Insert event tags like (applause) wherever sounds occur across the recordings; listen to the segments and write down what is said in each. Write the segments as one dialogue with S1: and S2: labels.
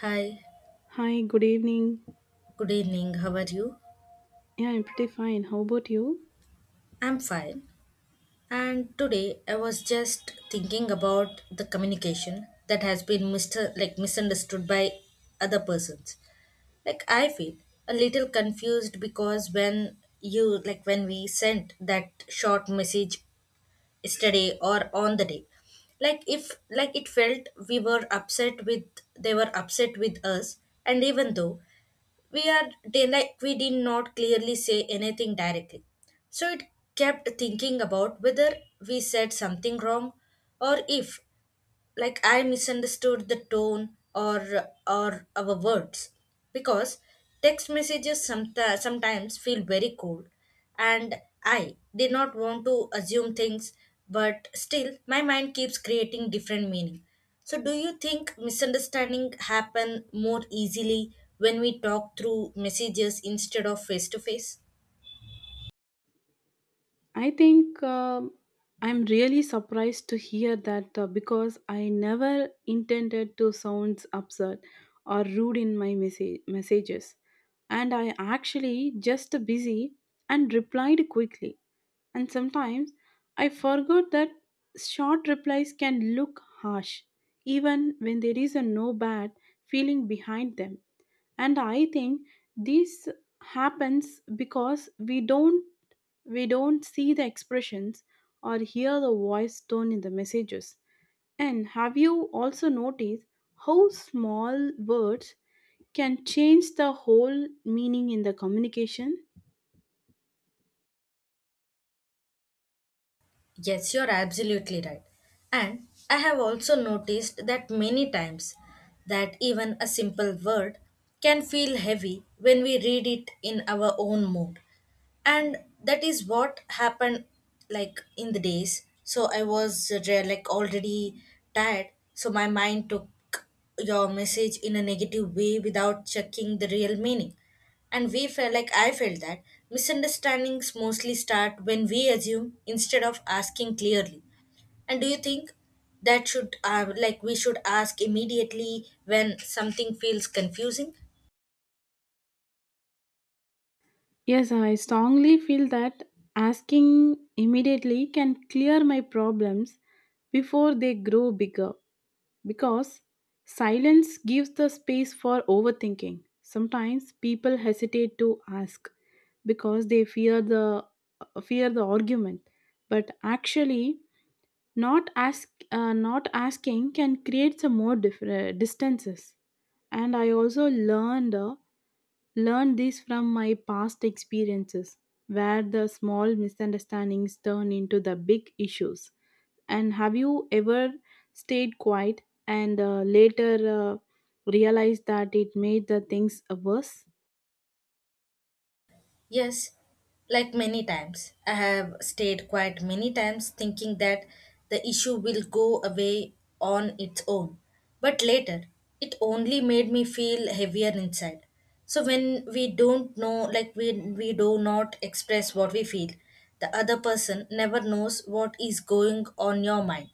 S1: Hi,
S2: Hi, good evening.
S1: good evening. How are you?
S2: Yeah, I'm pretty fine. How about you?
S1: I'm fine. And today I was just thinking about the communication that has been mister like misunderstood by other persons. Like I feel a little confused because when you like when we sent that short message yesterday or on the day like if like it felt we were upset with they were upset with us and even though we are they like we did not clearly say anything directly, so it kept thinking about whether we said something wrong or if like I misunderstood the tone or our words because text messages sometimes feel very cold and I did not want to assume things, but still my mind keeps creating different meaning. So do you think misunderstanding happen more easily when we talk through messages instead of face to face?
S2: I think I'm really surprised to hear that because I never intended to sound absurd or rude in my messages. And I actually just busy and replied quickly, and sometimes I forgot that short replies can look harsh, even when there is a no bad feeling behind them. And I think this happens because we don't see the expressions or hear the voice tone in the messages. And have you also noticed how small words can change the whole meaning in the communication?
S1: Yes, you're absolutely right. And I have also noticed that many times that even a simple word can feel heavy when we read it in our own mood. And that is what happened like in the days. So I was already tired. So my mind took your message in a negative way without checking the real meaning. And we felt like I felt that misunderstandings mostly start when we assume instead of asking clearly. And do you think that should like we should ask immediately when something feels confusing?
S2: Yes, I strongly feel that asking immediately can clear my problems before they grow bigger because silence gives the space for overthinking. Sometimes people hesitate to ask because they fear the argument, but actually not asking can create some more distances, and I also learned learned this from my past experiences where the small misunderstandings turn into the big issues. And have you ever stayed quiet and later realized that it made the things worse?
S1: Yes, like many times. I have stayed quite many times thinking that the issue will go away on its own. But later, it only made me feel heavier inside. So when we don't know, like we do not express what we feel, the other person never knows what is going on your mind.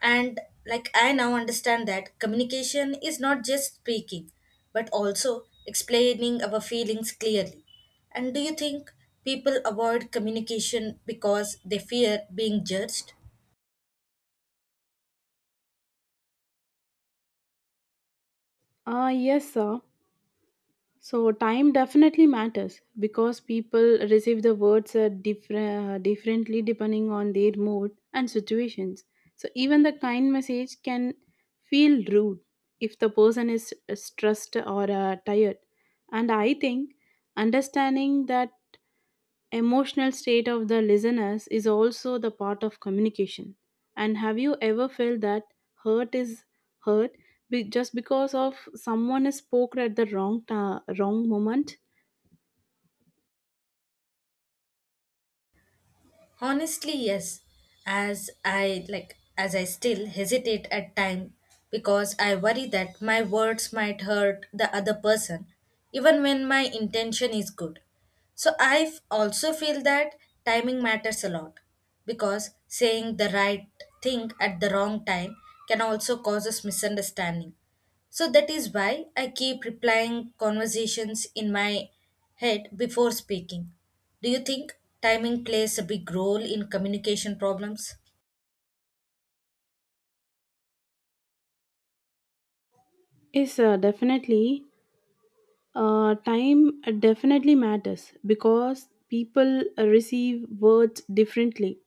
S1: And like I now understand that communication is not just speaking, but also explaining our feelings clearly. And do you think people avoid communication because they fear being judged?
S2: Yes sir. So time definitely matters because people receive the words differently depending on their mood and situations. So even the kind message can feel rude if the person is stressed or tired. And I think understanding that emotional state of the listeners is also the part of communication. And have you ever felt that hurt is hurt be- just because of someone is spoken at the wrong moment?
S1: Honestly, yes. As I still hesitate at time because I worry that my words might hurt the other person even when my intention is good. So I also feel that timing matters a lot because saying the right thing at the wrong time can also cause us misunderstanding. So that is why I keep replying conversations in my head before speaking. Do you think timing plays a big role in communication problems?
S2: Is definitely, time definitely matters because people receive words differently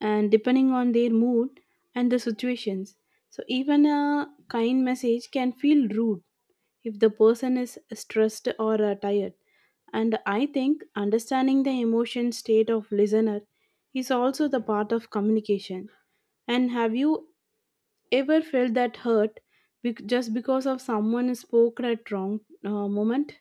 S2: and depending on their mood and the situations. So, even a kind message can feel rude if the person is stressed or tired. And I think understanding the emotion state of listener is also the part of communication. And have you ever felt that hurt just because of someone spoke at wrong moment?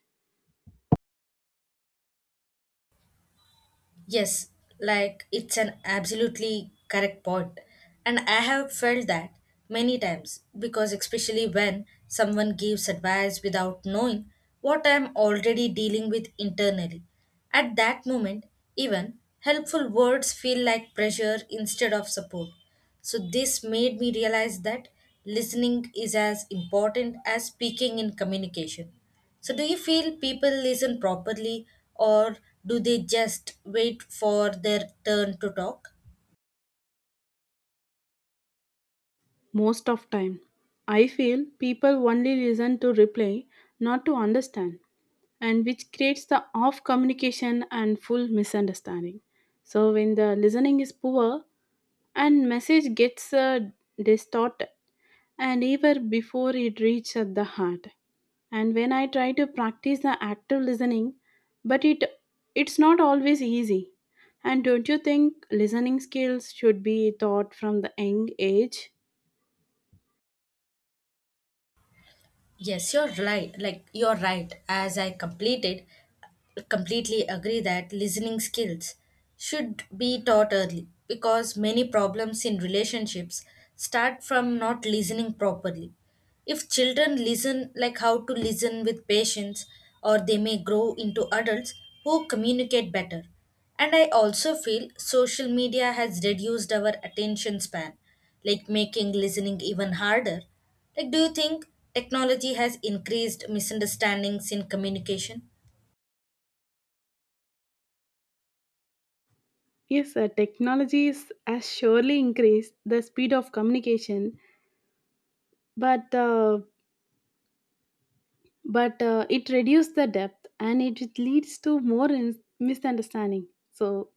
S1: Yes, like it's an absolutely correct point. And I have felt that many times because, especially when someone gives advice without knowing what I'm already dealing with internally, at that moment, even helpful words feel like pressure instead of support. So this made me realize that listening is as important as speaking in communication. So do you feel people listen properly, or do they just wait for their turn to talk?
S2: Most of time I feel people only listen to reply, not to understand, and which creates the off communication and full misunderstanding. So when the listening is poor and message gets distorted and even before it reaches the heart. And when I try to practice the active listening, but it's not always easy. And don't you think listening skills should be taught from the young age?
S1: Yes, you're right. Completely agree that listening skills should be taught early because many problems in relationships start from not listening properly. If children listen, like how to listen with patience, or they may grow into adults who communicate better. And I also feel social media has reduced our attention span, like making listening even harder. Like, do you think technology has increased misunderstandings in communication?
S2: Yes, technologies has surely increased the speed of communication, but uh, but it reduced the depth and it leads to more misunderstanding. So,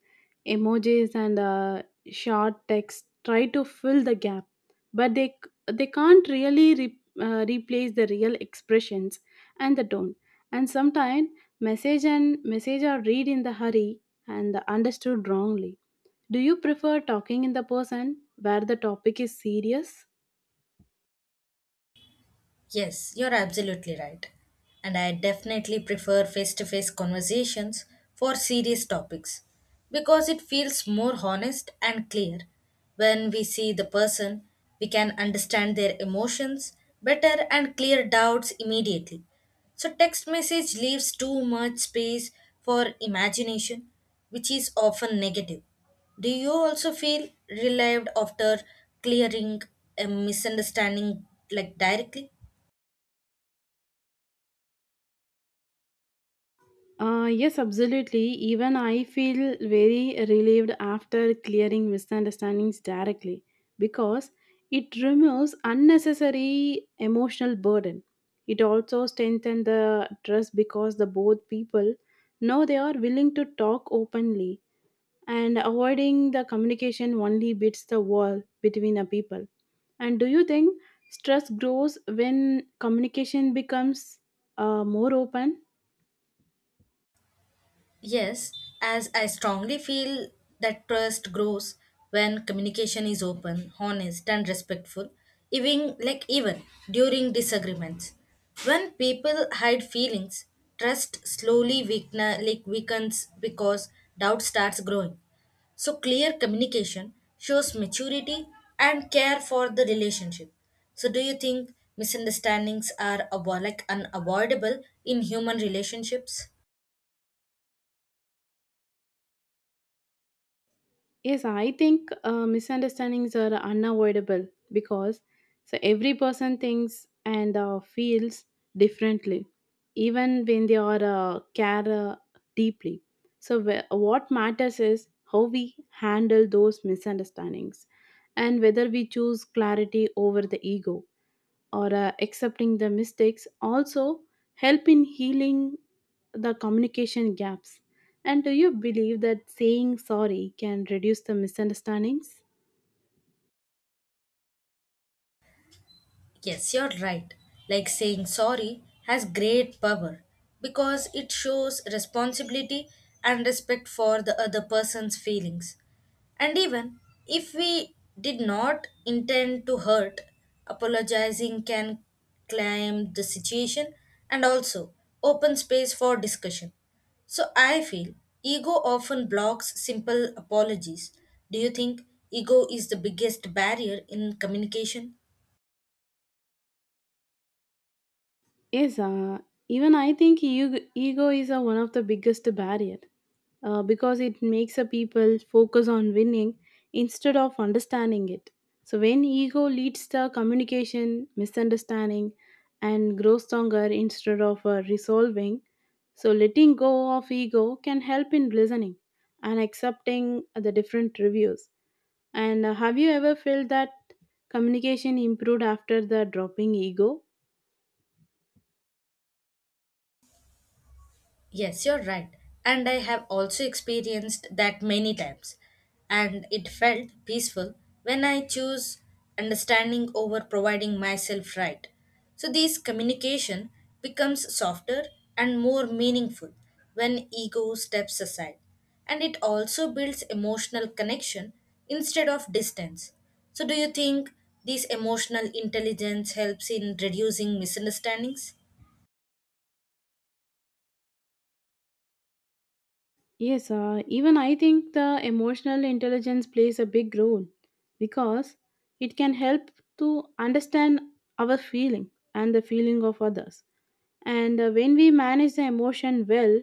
S2: emojis and short text try to fill the gap, but they can't really replace the real expressions and the tone. And sometimes message are read in the hurry and understood wrongly. Do you prefer talking in the person where the topic is serious?
S1: Yes, you're absolutely right. And I definitely prefer face to face conversations for serious topics because it feels more honest and clear. When we see the person, we can understand their emotions better and clear doubts immediately. So text message leaves too much space for imagination, which is often negative. Do you also feel relieved after clearing a misunderstanding like directly?
S2: Yes, absolutely. Even I feel very relieved after clearing misunderstandings directly because it removes unnecessary emotional burden. It also strengthens the trust because the both people know they are willing to talk openly, and avoiding the communication only builds the wall between the people. And do you think stress grows when communication becomes more open?
S1: Yes, as I strongly feel that trust grows when communication is open, honest, and respectful, even during disagreements. When people hide feelings, trust slowly weakens because doubt starts growing. So clear communication shows maturity and care for the relationship. So do you think misunderstandings are unavoidable in human relationships?
S2: Yes, I think misunderstandings are unavoidable because so every person thinks and feels differently, even when they are care deeply. So what matters is how we handle those misunderstandings, and whether we choose clarity over the ego, or accepting the mistakes also help in healing the communication gaps. And do you believe that saying sorry can reduce the misunderstandings?
S1: Yes, you're right. Like saying sorry has great power because it shows responsibility and respect for the other person's feelings. And even if we did not intend to hurt, apologizing can climb the situation and also open space for discussion. So I feel ego often blocks simple apologies. Do you think ego is the biggest barrier in communication?
S2: Yes, even I think ego is one of the biggest barrier, because it makes a people focus on winning instead of understanding it. So when ego leads the communication, misunderstanding, and grows stronger instead of resolving, so letting go of ego can help in listening and accepting the different reviews. And have you ever felt that communication improved after the dropping ego?
S1: Yes, you're right. And I have also experienced that many times. And it felt peaceful when I choose understanding over providing myself right. So this communication becomes softer and more meaningful when ego steps aside. And it also builds emotional connection instead of distance. So do you think this emotional intelligence helps in reducing misunderstandings?
S2: Yes, even I think the emotional intelligence plays a big role because it can help to understand our feeling and the feeling of others. And when we manage the emotion well,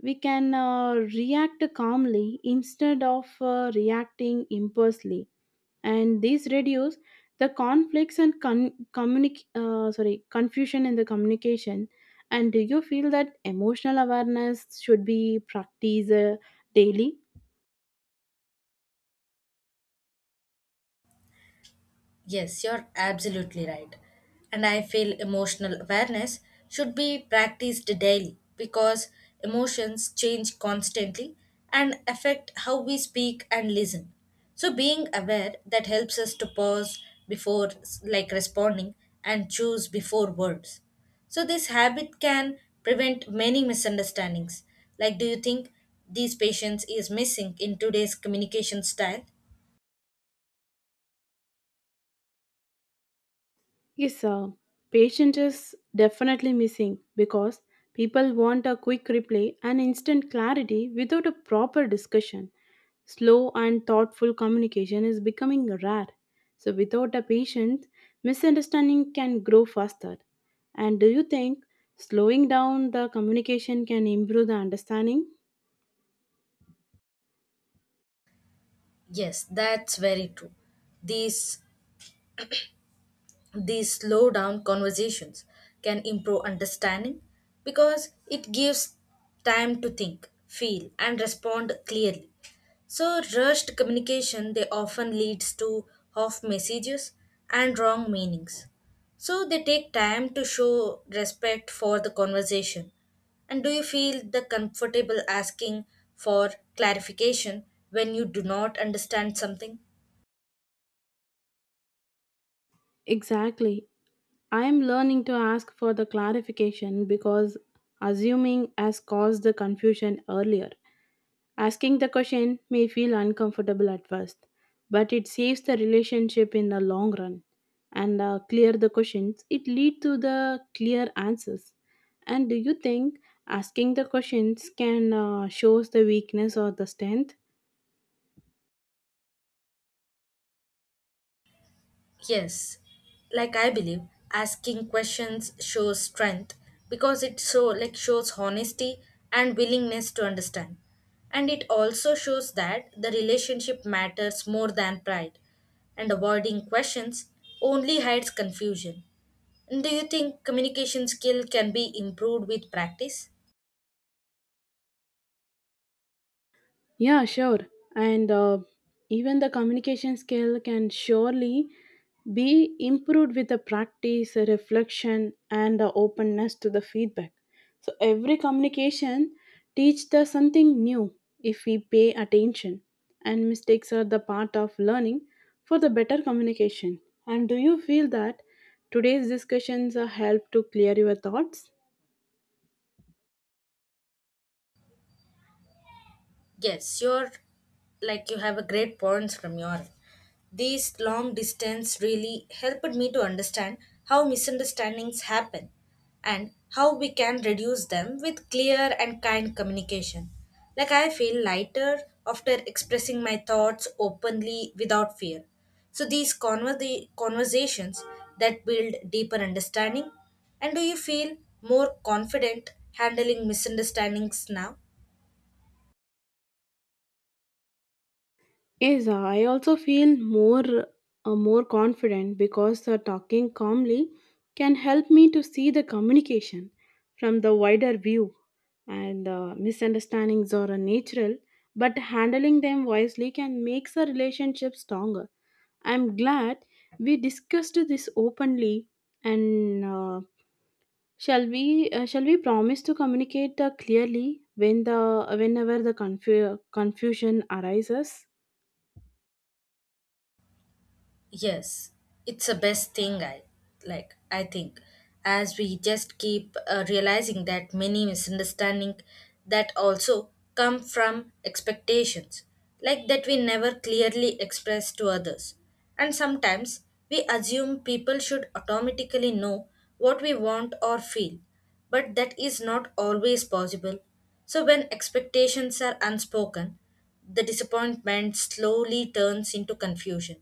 S2: we can react calmly instead of reacting impulsively, and these reduce the conflicts and sorry, confusion in the communication. And do you feel that emotional awareness should be practiced daily?
S1: Yes, you're absolutely right. And I feel emotional awareness should be practiced daily because emotions change constantly and affect how we speak and listen. So being aware that helps us to pause before like responding and choose before words. So this habit can prevent many misunderstandings. Like do you think these patients is missing in today's communication style?
S2: Yes, patient is definitely missing because people want a quick reply and instant clarity without a proper discussion. Slow and thoughtful communication is becoming rare. So, without a patient, misunderstanding can grow faster. And do you think slowing down the communication can improve the understanding?
S1: Yes, that's very true. These these slow down conversations can improve understanding because it gives time to think, feel, and respond clearly. So rushed communication they often leads to half messages and wrong meanings. So they take time to show respect for the conversation. And do you feel the comfortable asking for clarification when you do not understand something?
S2: Exactly. I am learning to ask for the clarification because assuming has caused the confusion earlier. Asking the question may feel uncomfortable at first, but it saves the relationship in the long run. And clear the questions, it lead to the clear answers. And do you think asking the questions can shows the weakness or the strength?
S1: Yes, like I believe asking questions shows strength because it so like shows honesty and willingness to understand. And it also shows that the relationship matters more than pride, and avoiding questions only hides confusion. And do you think communication skill can be improved with practice?
S2: Yeah, sure. And even the communication skill can surely be improved with the practice, a reflection, and the openness to the feedback. So every communication teaches us something new if we pay attention. And mistakes are the part of learning for the better communication. And do you feel that today's discussions help to clear your thoughts?
S1: Yes, you have a great points from your end. These long distance really helped me to understand how misunderstandings happen and how we can reduce them with clear and kind communication. Like I feel lighter after expressing my thoughts openly without fear. So these conversations that build deeper understanding. And do you feel more confident handling misunderstandings now?
S2: Yes, I also feel more confident because talking calmly can help me to see the communication from the wider view, and misunderstandings are natural, but handling them wisely can make the relationship stronger. I'm glad we discussed this openly, and shall we promise to communicate clearly when the whenever the confusion arises.
S1: Yes, it's the best thing I think as we just keep realizing that many misunderstanding that also come from expectations like that we never clearly express to others, and sometimes we assume people should automatically know what we want or feel, but that is not always possible. So when expectations are unspoken, the disappointment slowly turns into confusion.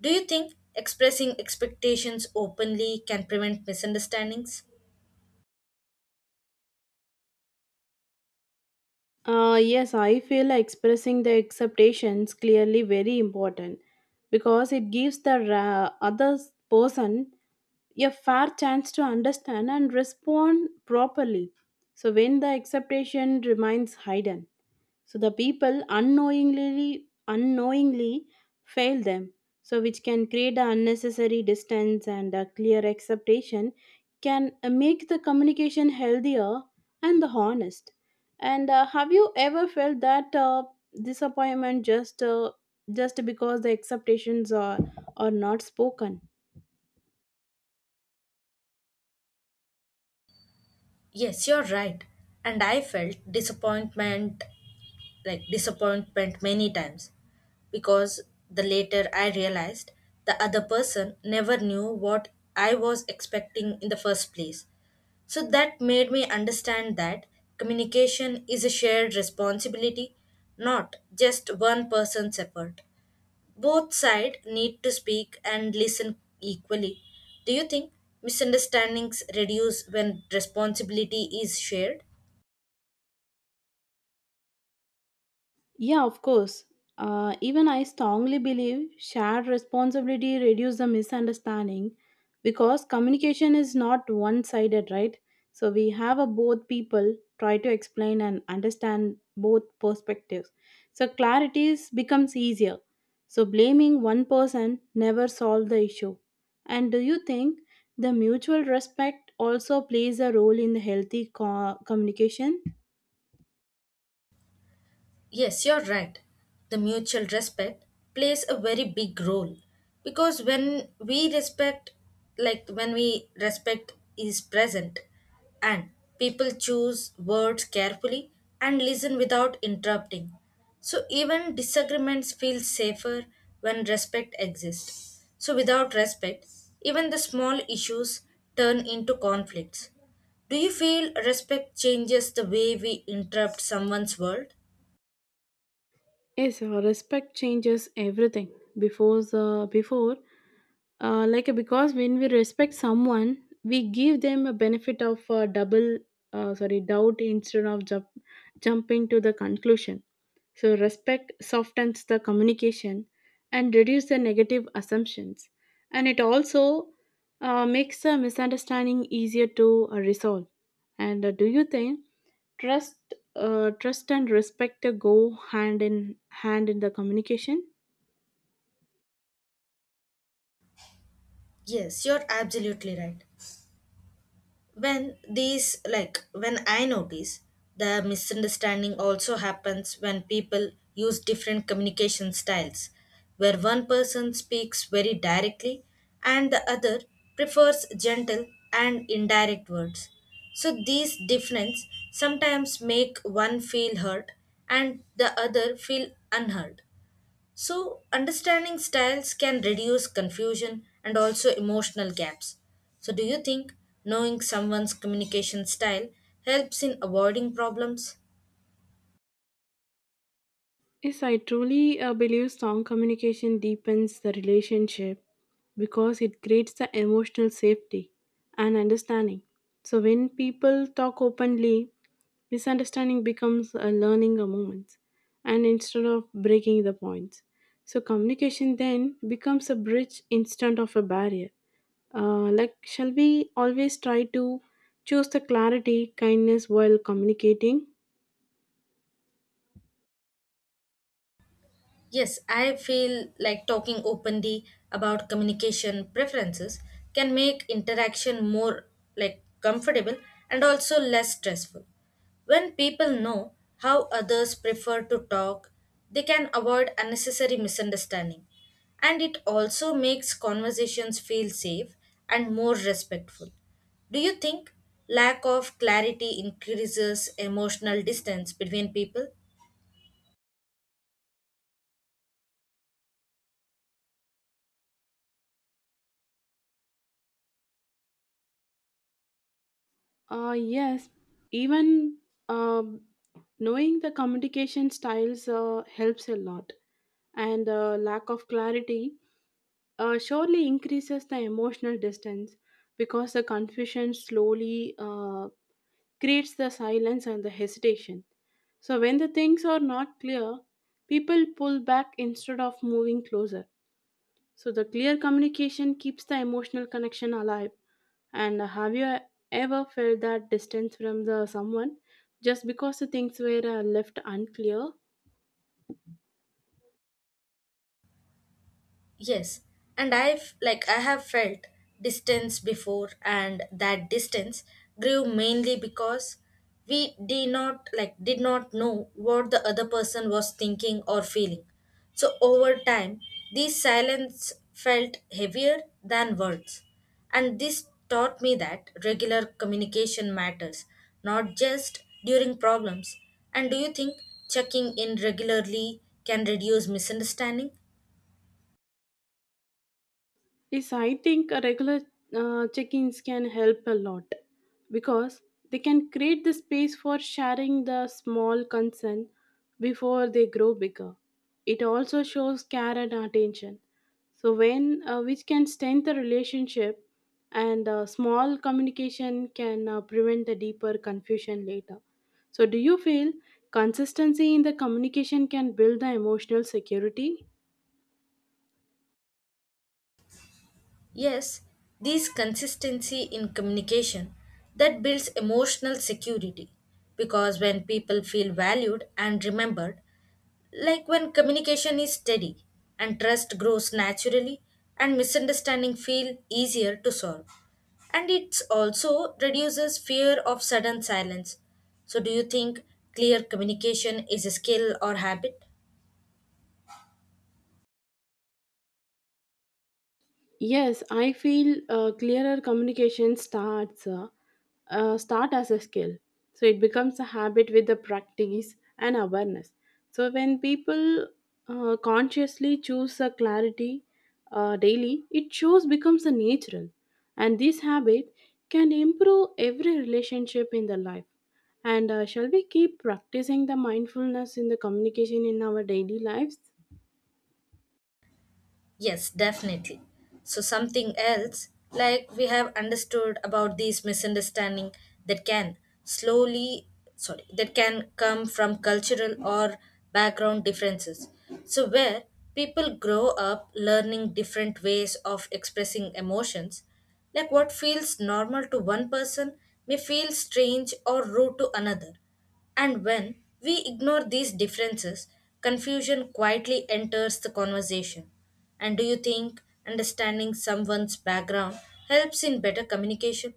S1: Do you think expressing expectations openly can prevent misunderstandings?
S2: Yes, I feel like expressing the expectations clearly very important because it gives the other person a fair chance to understand and respond properly. So when the expectation remains hidden, so the people unknowingly fail them, so which can create an unnecessary distance, and a clear acceptation can make the communication healthier and the honest. And have you ever felt that disappointment just because the expectations are not spoken?
S1: Yes, you're right. And I felt disappointment many times because the later I realized the other person never knew what I was expecting in the first place. So that made me understand that communication is a shared responsibility, not just one person's effort. Both sides need to speak and listen equally. Do you think misunderstandings reduce when responsibility is shared?
S2: Yeah, of course. Even I strongly believe shared responsibility reduces the misunderstanding because communication is not one sided, right? So we have a both people try to explain and understand both perspectives. So becomes easier. So blaming one person never solves the issue. And do you think the mutual respect also plays a role in the healthy communication?
S1: Yes, you're right. The mutual respect plays a very big role because when we respect is present, and people choose words carefully and listen without interrupting. So even disagreements feel safer when respect exists. So without respect, even the small issues turn into conflicts. Do you feel respect changes the way we interrupt someone's world?
S2: Yes, respect changes everything. Before, the before, like because when we respect someone, we give them a benefit of sorry, doubt instead of jumping to the conclusion. So, respect softens the communication and reduces the negative assumptions, and it also makes the misunderstanding easier to resolve. And do you think trust and respect go hand in hand in the communication?
S1: Yes, you're absolutely right. When these, like, when I notice the misunderstanding also happens when people use different communication styles, where one person speaks very directly and the other prefers gentle and indirect words. So these differences sometimes make one feel hurt and the other feel unheard. So understanding styles can reduce confusion and also emotional gaps. So do you think knowing someone's communication style helps in avoiding problems?
S2: Yes, I truly believe strong communication deepens the relationship because it creates the emotional safety and understanding. So when people talk openly, misunderstanding becomes a learning moment and instead of breaking the points. So communication then becomes a bridge instead of a barrier. Like, shall we always try to choose the clarity, kindness while communicating?
S1: Yes, I feel like talking openly about communication preferences can make interaction more like comfortable and also less stressful. When people know how others prefer to talk, they can avoid unnecessary misunderstanding, and it also makes conversations feel safe and more respectful. Do you think lack of clarity increases emotional distance between people?
S2: Yes, even um, knowing the communication styles helps a lot, and lack of clarity surely increases the emotional distance because the confusion slowly creates the silence and the hesitation. So, when the things are not clear, people pull back instead of moving closer. So the clear communication keeps the emotional connection alive. And have you ever felt that distance from the someone just because the things were left unclear?
S1: Yes, and I have felt distance before, and that distance grew mainly because we did not know what the other person was thinking or feeling. So over time, these silence felt heavier than words, and this taught me that regular communication matters, not just during problems. And do you think checking in regularly can reduce misunderstanding?
S2: Yes, I think a regular check-ins can help a lot because they can create the space for sharing the small concern before they grow bigger. It also shows care and attention. So when which can strengthen the relationship, and small communication can prevent the deeper confusion later. So do you feel consistency in the communication can build the emotional security?
S1: Yes, this consistency in communication that builds emotional security because when people feel valued and remembered, like when communication is steady and trust grows naturally and misunderstanding feel easier to solve, and it also reduces fear of sudden silence. So do you think clear communication is a skill or habit?
S2: Yes, I feel clearer communication start as a skill. So it becomes a habit with the practice and awareness. So when people consciously choose a clarity daily, it shows becomes a natural, and this habit can improve every relationship in the life. And shall we keep practicing the mindfulness in the communication in our daily lives?
S1: Yes, definitely. So, something else, like we have understood about these misunderstanding that can slowly, that can come from cultural or background differences. So where people grow up learning different ways of expressing emotions, like what feels normal to one person may feel strange or rude to another. And when we ignore these differences, confusion quietly enters the conversation. And do you think understanding someone's background helps in better communication?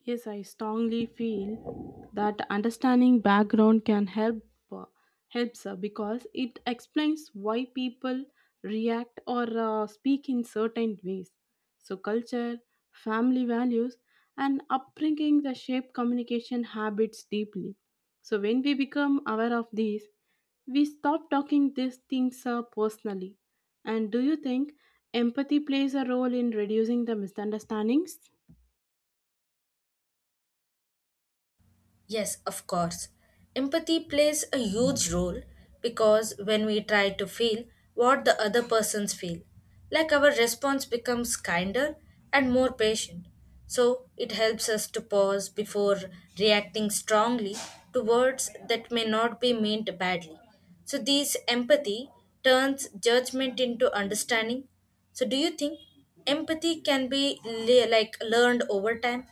S2: Yes, I strongly feel that understanding background can help uh, helps because it explains why people react or speak in certain ways. So culture, family values, and upbringing that shape communication habits deeply. So when we become aware of these, we stop talking these things personally. And do you think empathy plays a role in reducing the misunderstandings?
S1: Yes, of course. Empathy plays a huge role because when we try to feel what the other persons feel, like our response becomes kinder and more patient. So it helps us to pause before reacting strongly to words that may not be meant badly. So this empathy turns judgment into understanding. So do you think empathy can be learned over time?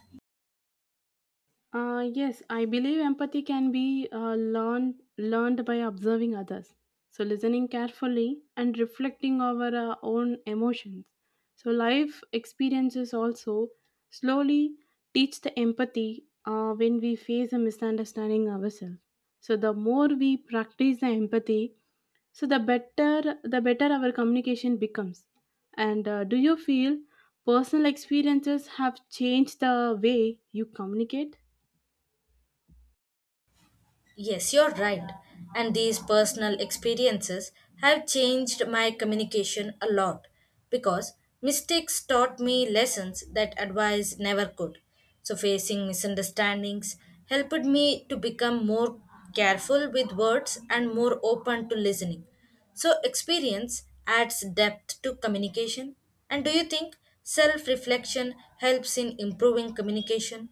S2: Yes, I believe empathy can be learned by observing others. So listening carefully and reflecting over our own emotions. So life experiences also slowly teach the empathy when we face a misunderstanding ourselves. So the more we practice the empathy, so the better our communication becomes. And do you feel personal experiences have changed the way you communicate?
S1: Yes, you're right. And these personal experiences have changed my communication a lot because mistakes taught me lessons that advice never could. So facing misunderstandings helped me to become more careful with words and more open to listening. So experience adds depth to communication. And do you think self reflection helps in improving communication?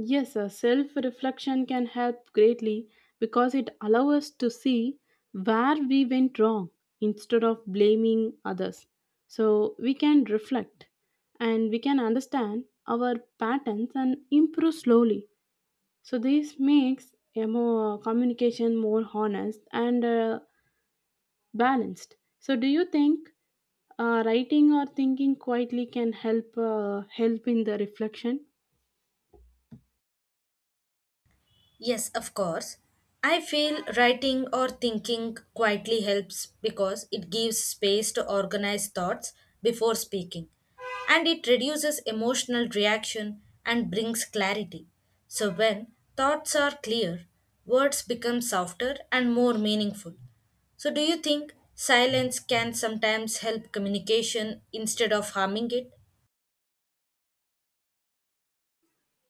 S2: Yes, self reflection can help greatly because it allows us to see where we went wrong instead of blaming others. So we can reflect and we can understand our patterns and improve slowly. So this makes communication more honest and balanced. So do you think writing or thinking quietly can help help in the reflection?
S1: Yes, of course. I feel writing or thinking quietly helps because it gives space to organize thoughts before speaking, and it reduces emotional reaction and brings clarity. So when thoughts are clear, words become softer and more meaningful. So do you think silence can sometimes help communication instead of harming it?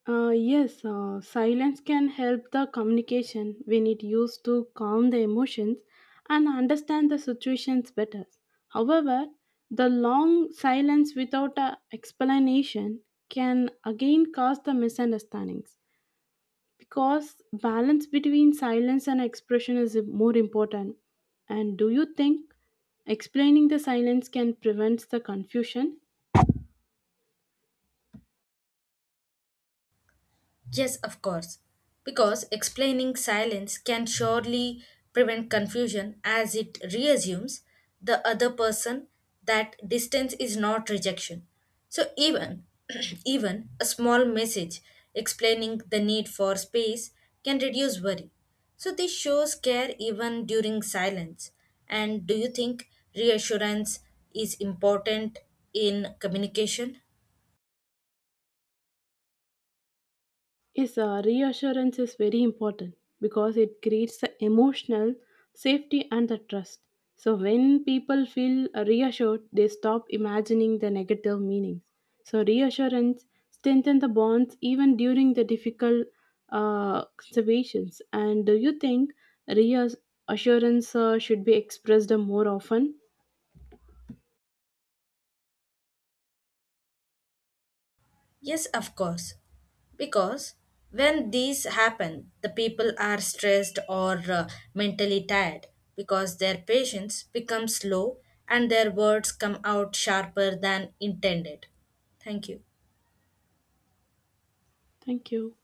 S2: Yes, silence can help the communication when it used to calm the emotions and understand the situations better. However, the long silence without a explanation can again cause the misunderstandings because balance between silence and expression is more important. And do you think explaining the silence can prevent the confusion?
S1: Yes, of course, because explaining silence can surely prevent confusion as it reassumes the other person that distance is not rejection. So even (clears throat) even a small message explaining the need for space can reduce worry. So this shows care even during silence. And do you think reassurance is important in communication?
S2: Yes, reassurance is very important because it creates the emotional safety and the trust. So when people feel reassured, they stop imagining the negative meanings. So reassurance strengthens the bonds even during the difficult situations. And do you think reassurance should be expressed more often?
S1: Yes, of course. Because when these happen, the people are stressed or mentally tired because their patience becomes slow and their words come out sharper than intended. Thank you.
S2: Thank you.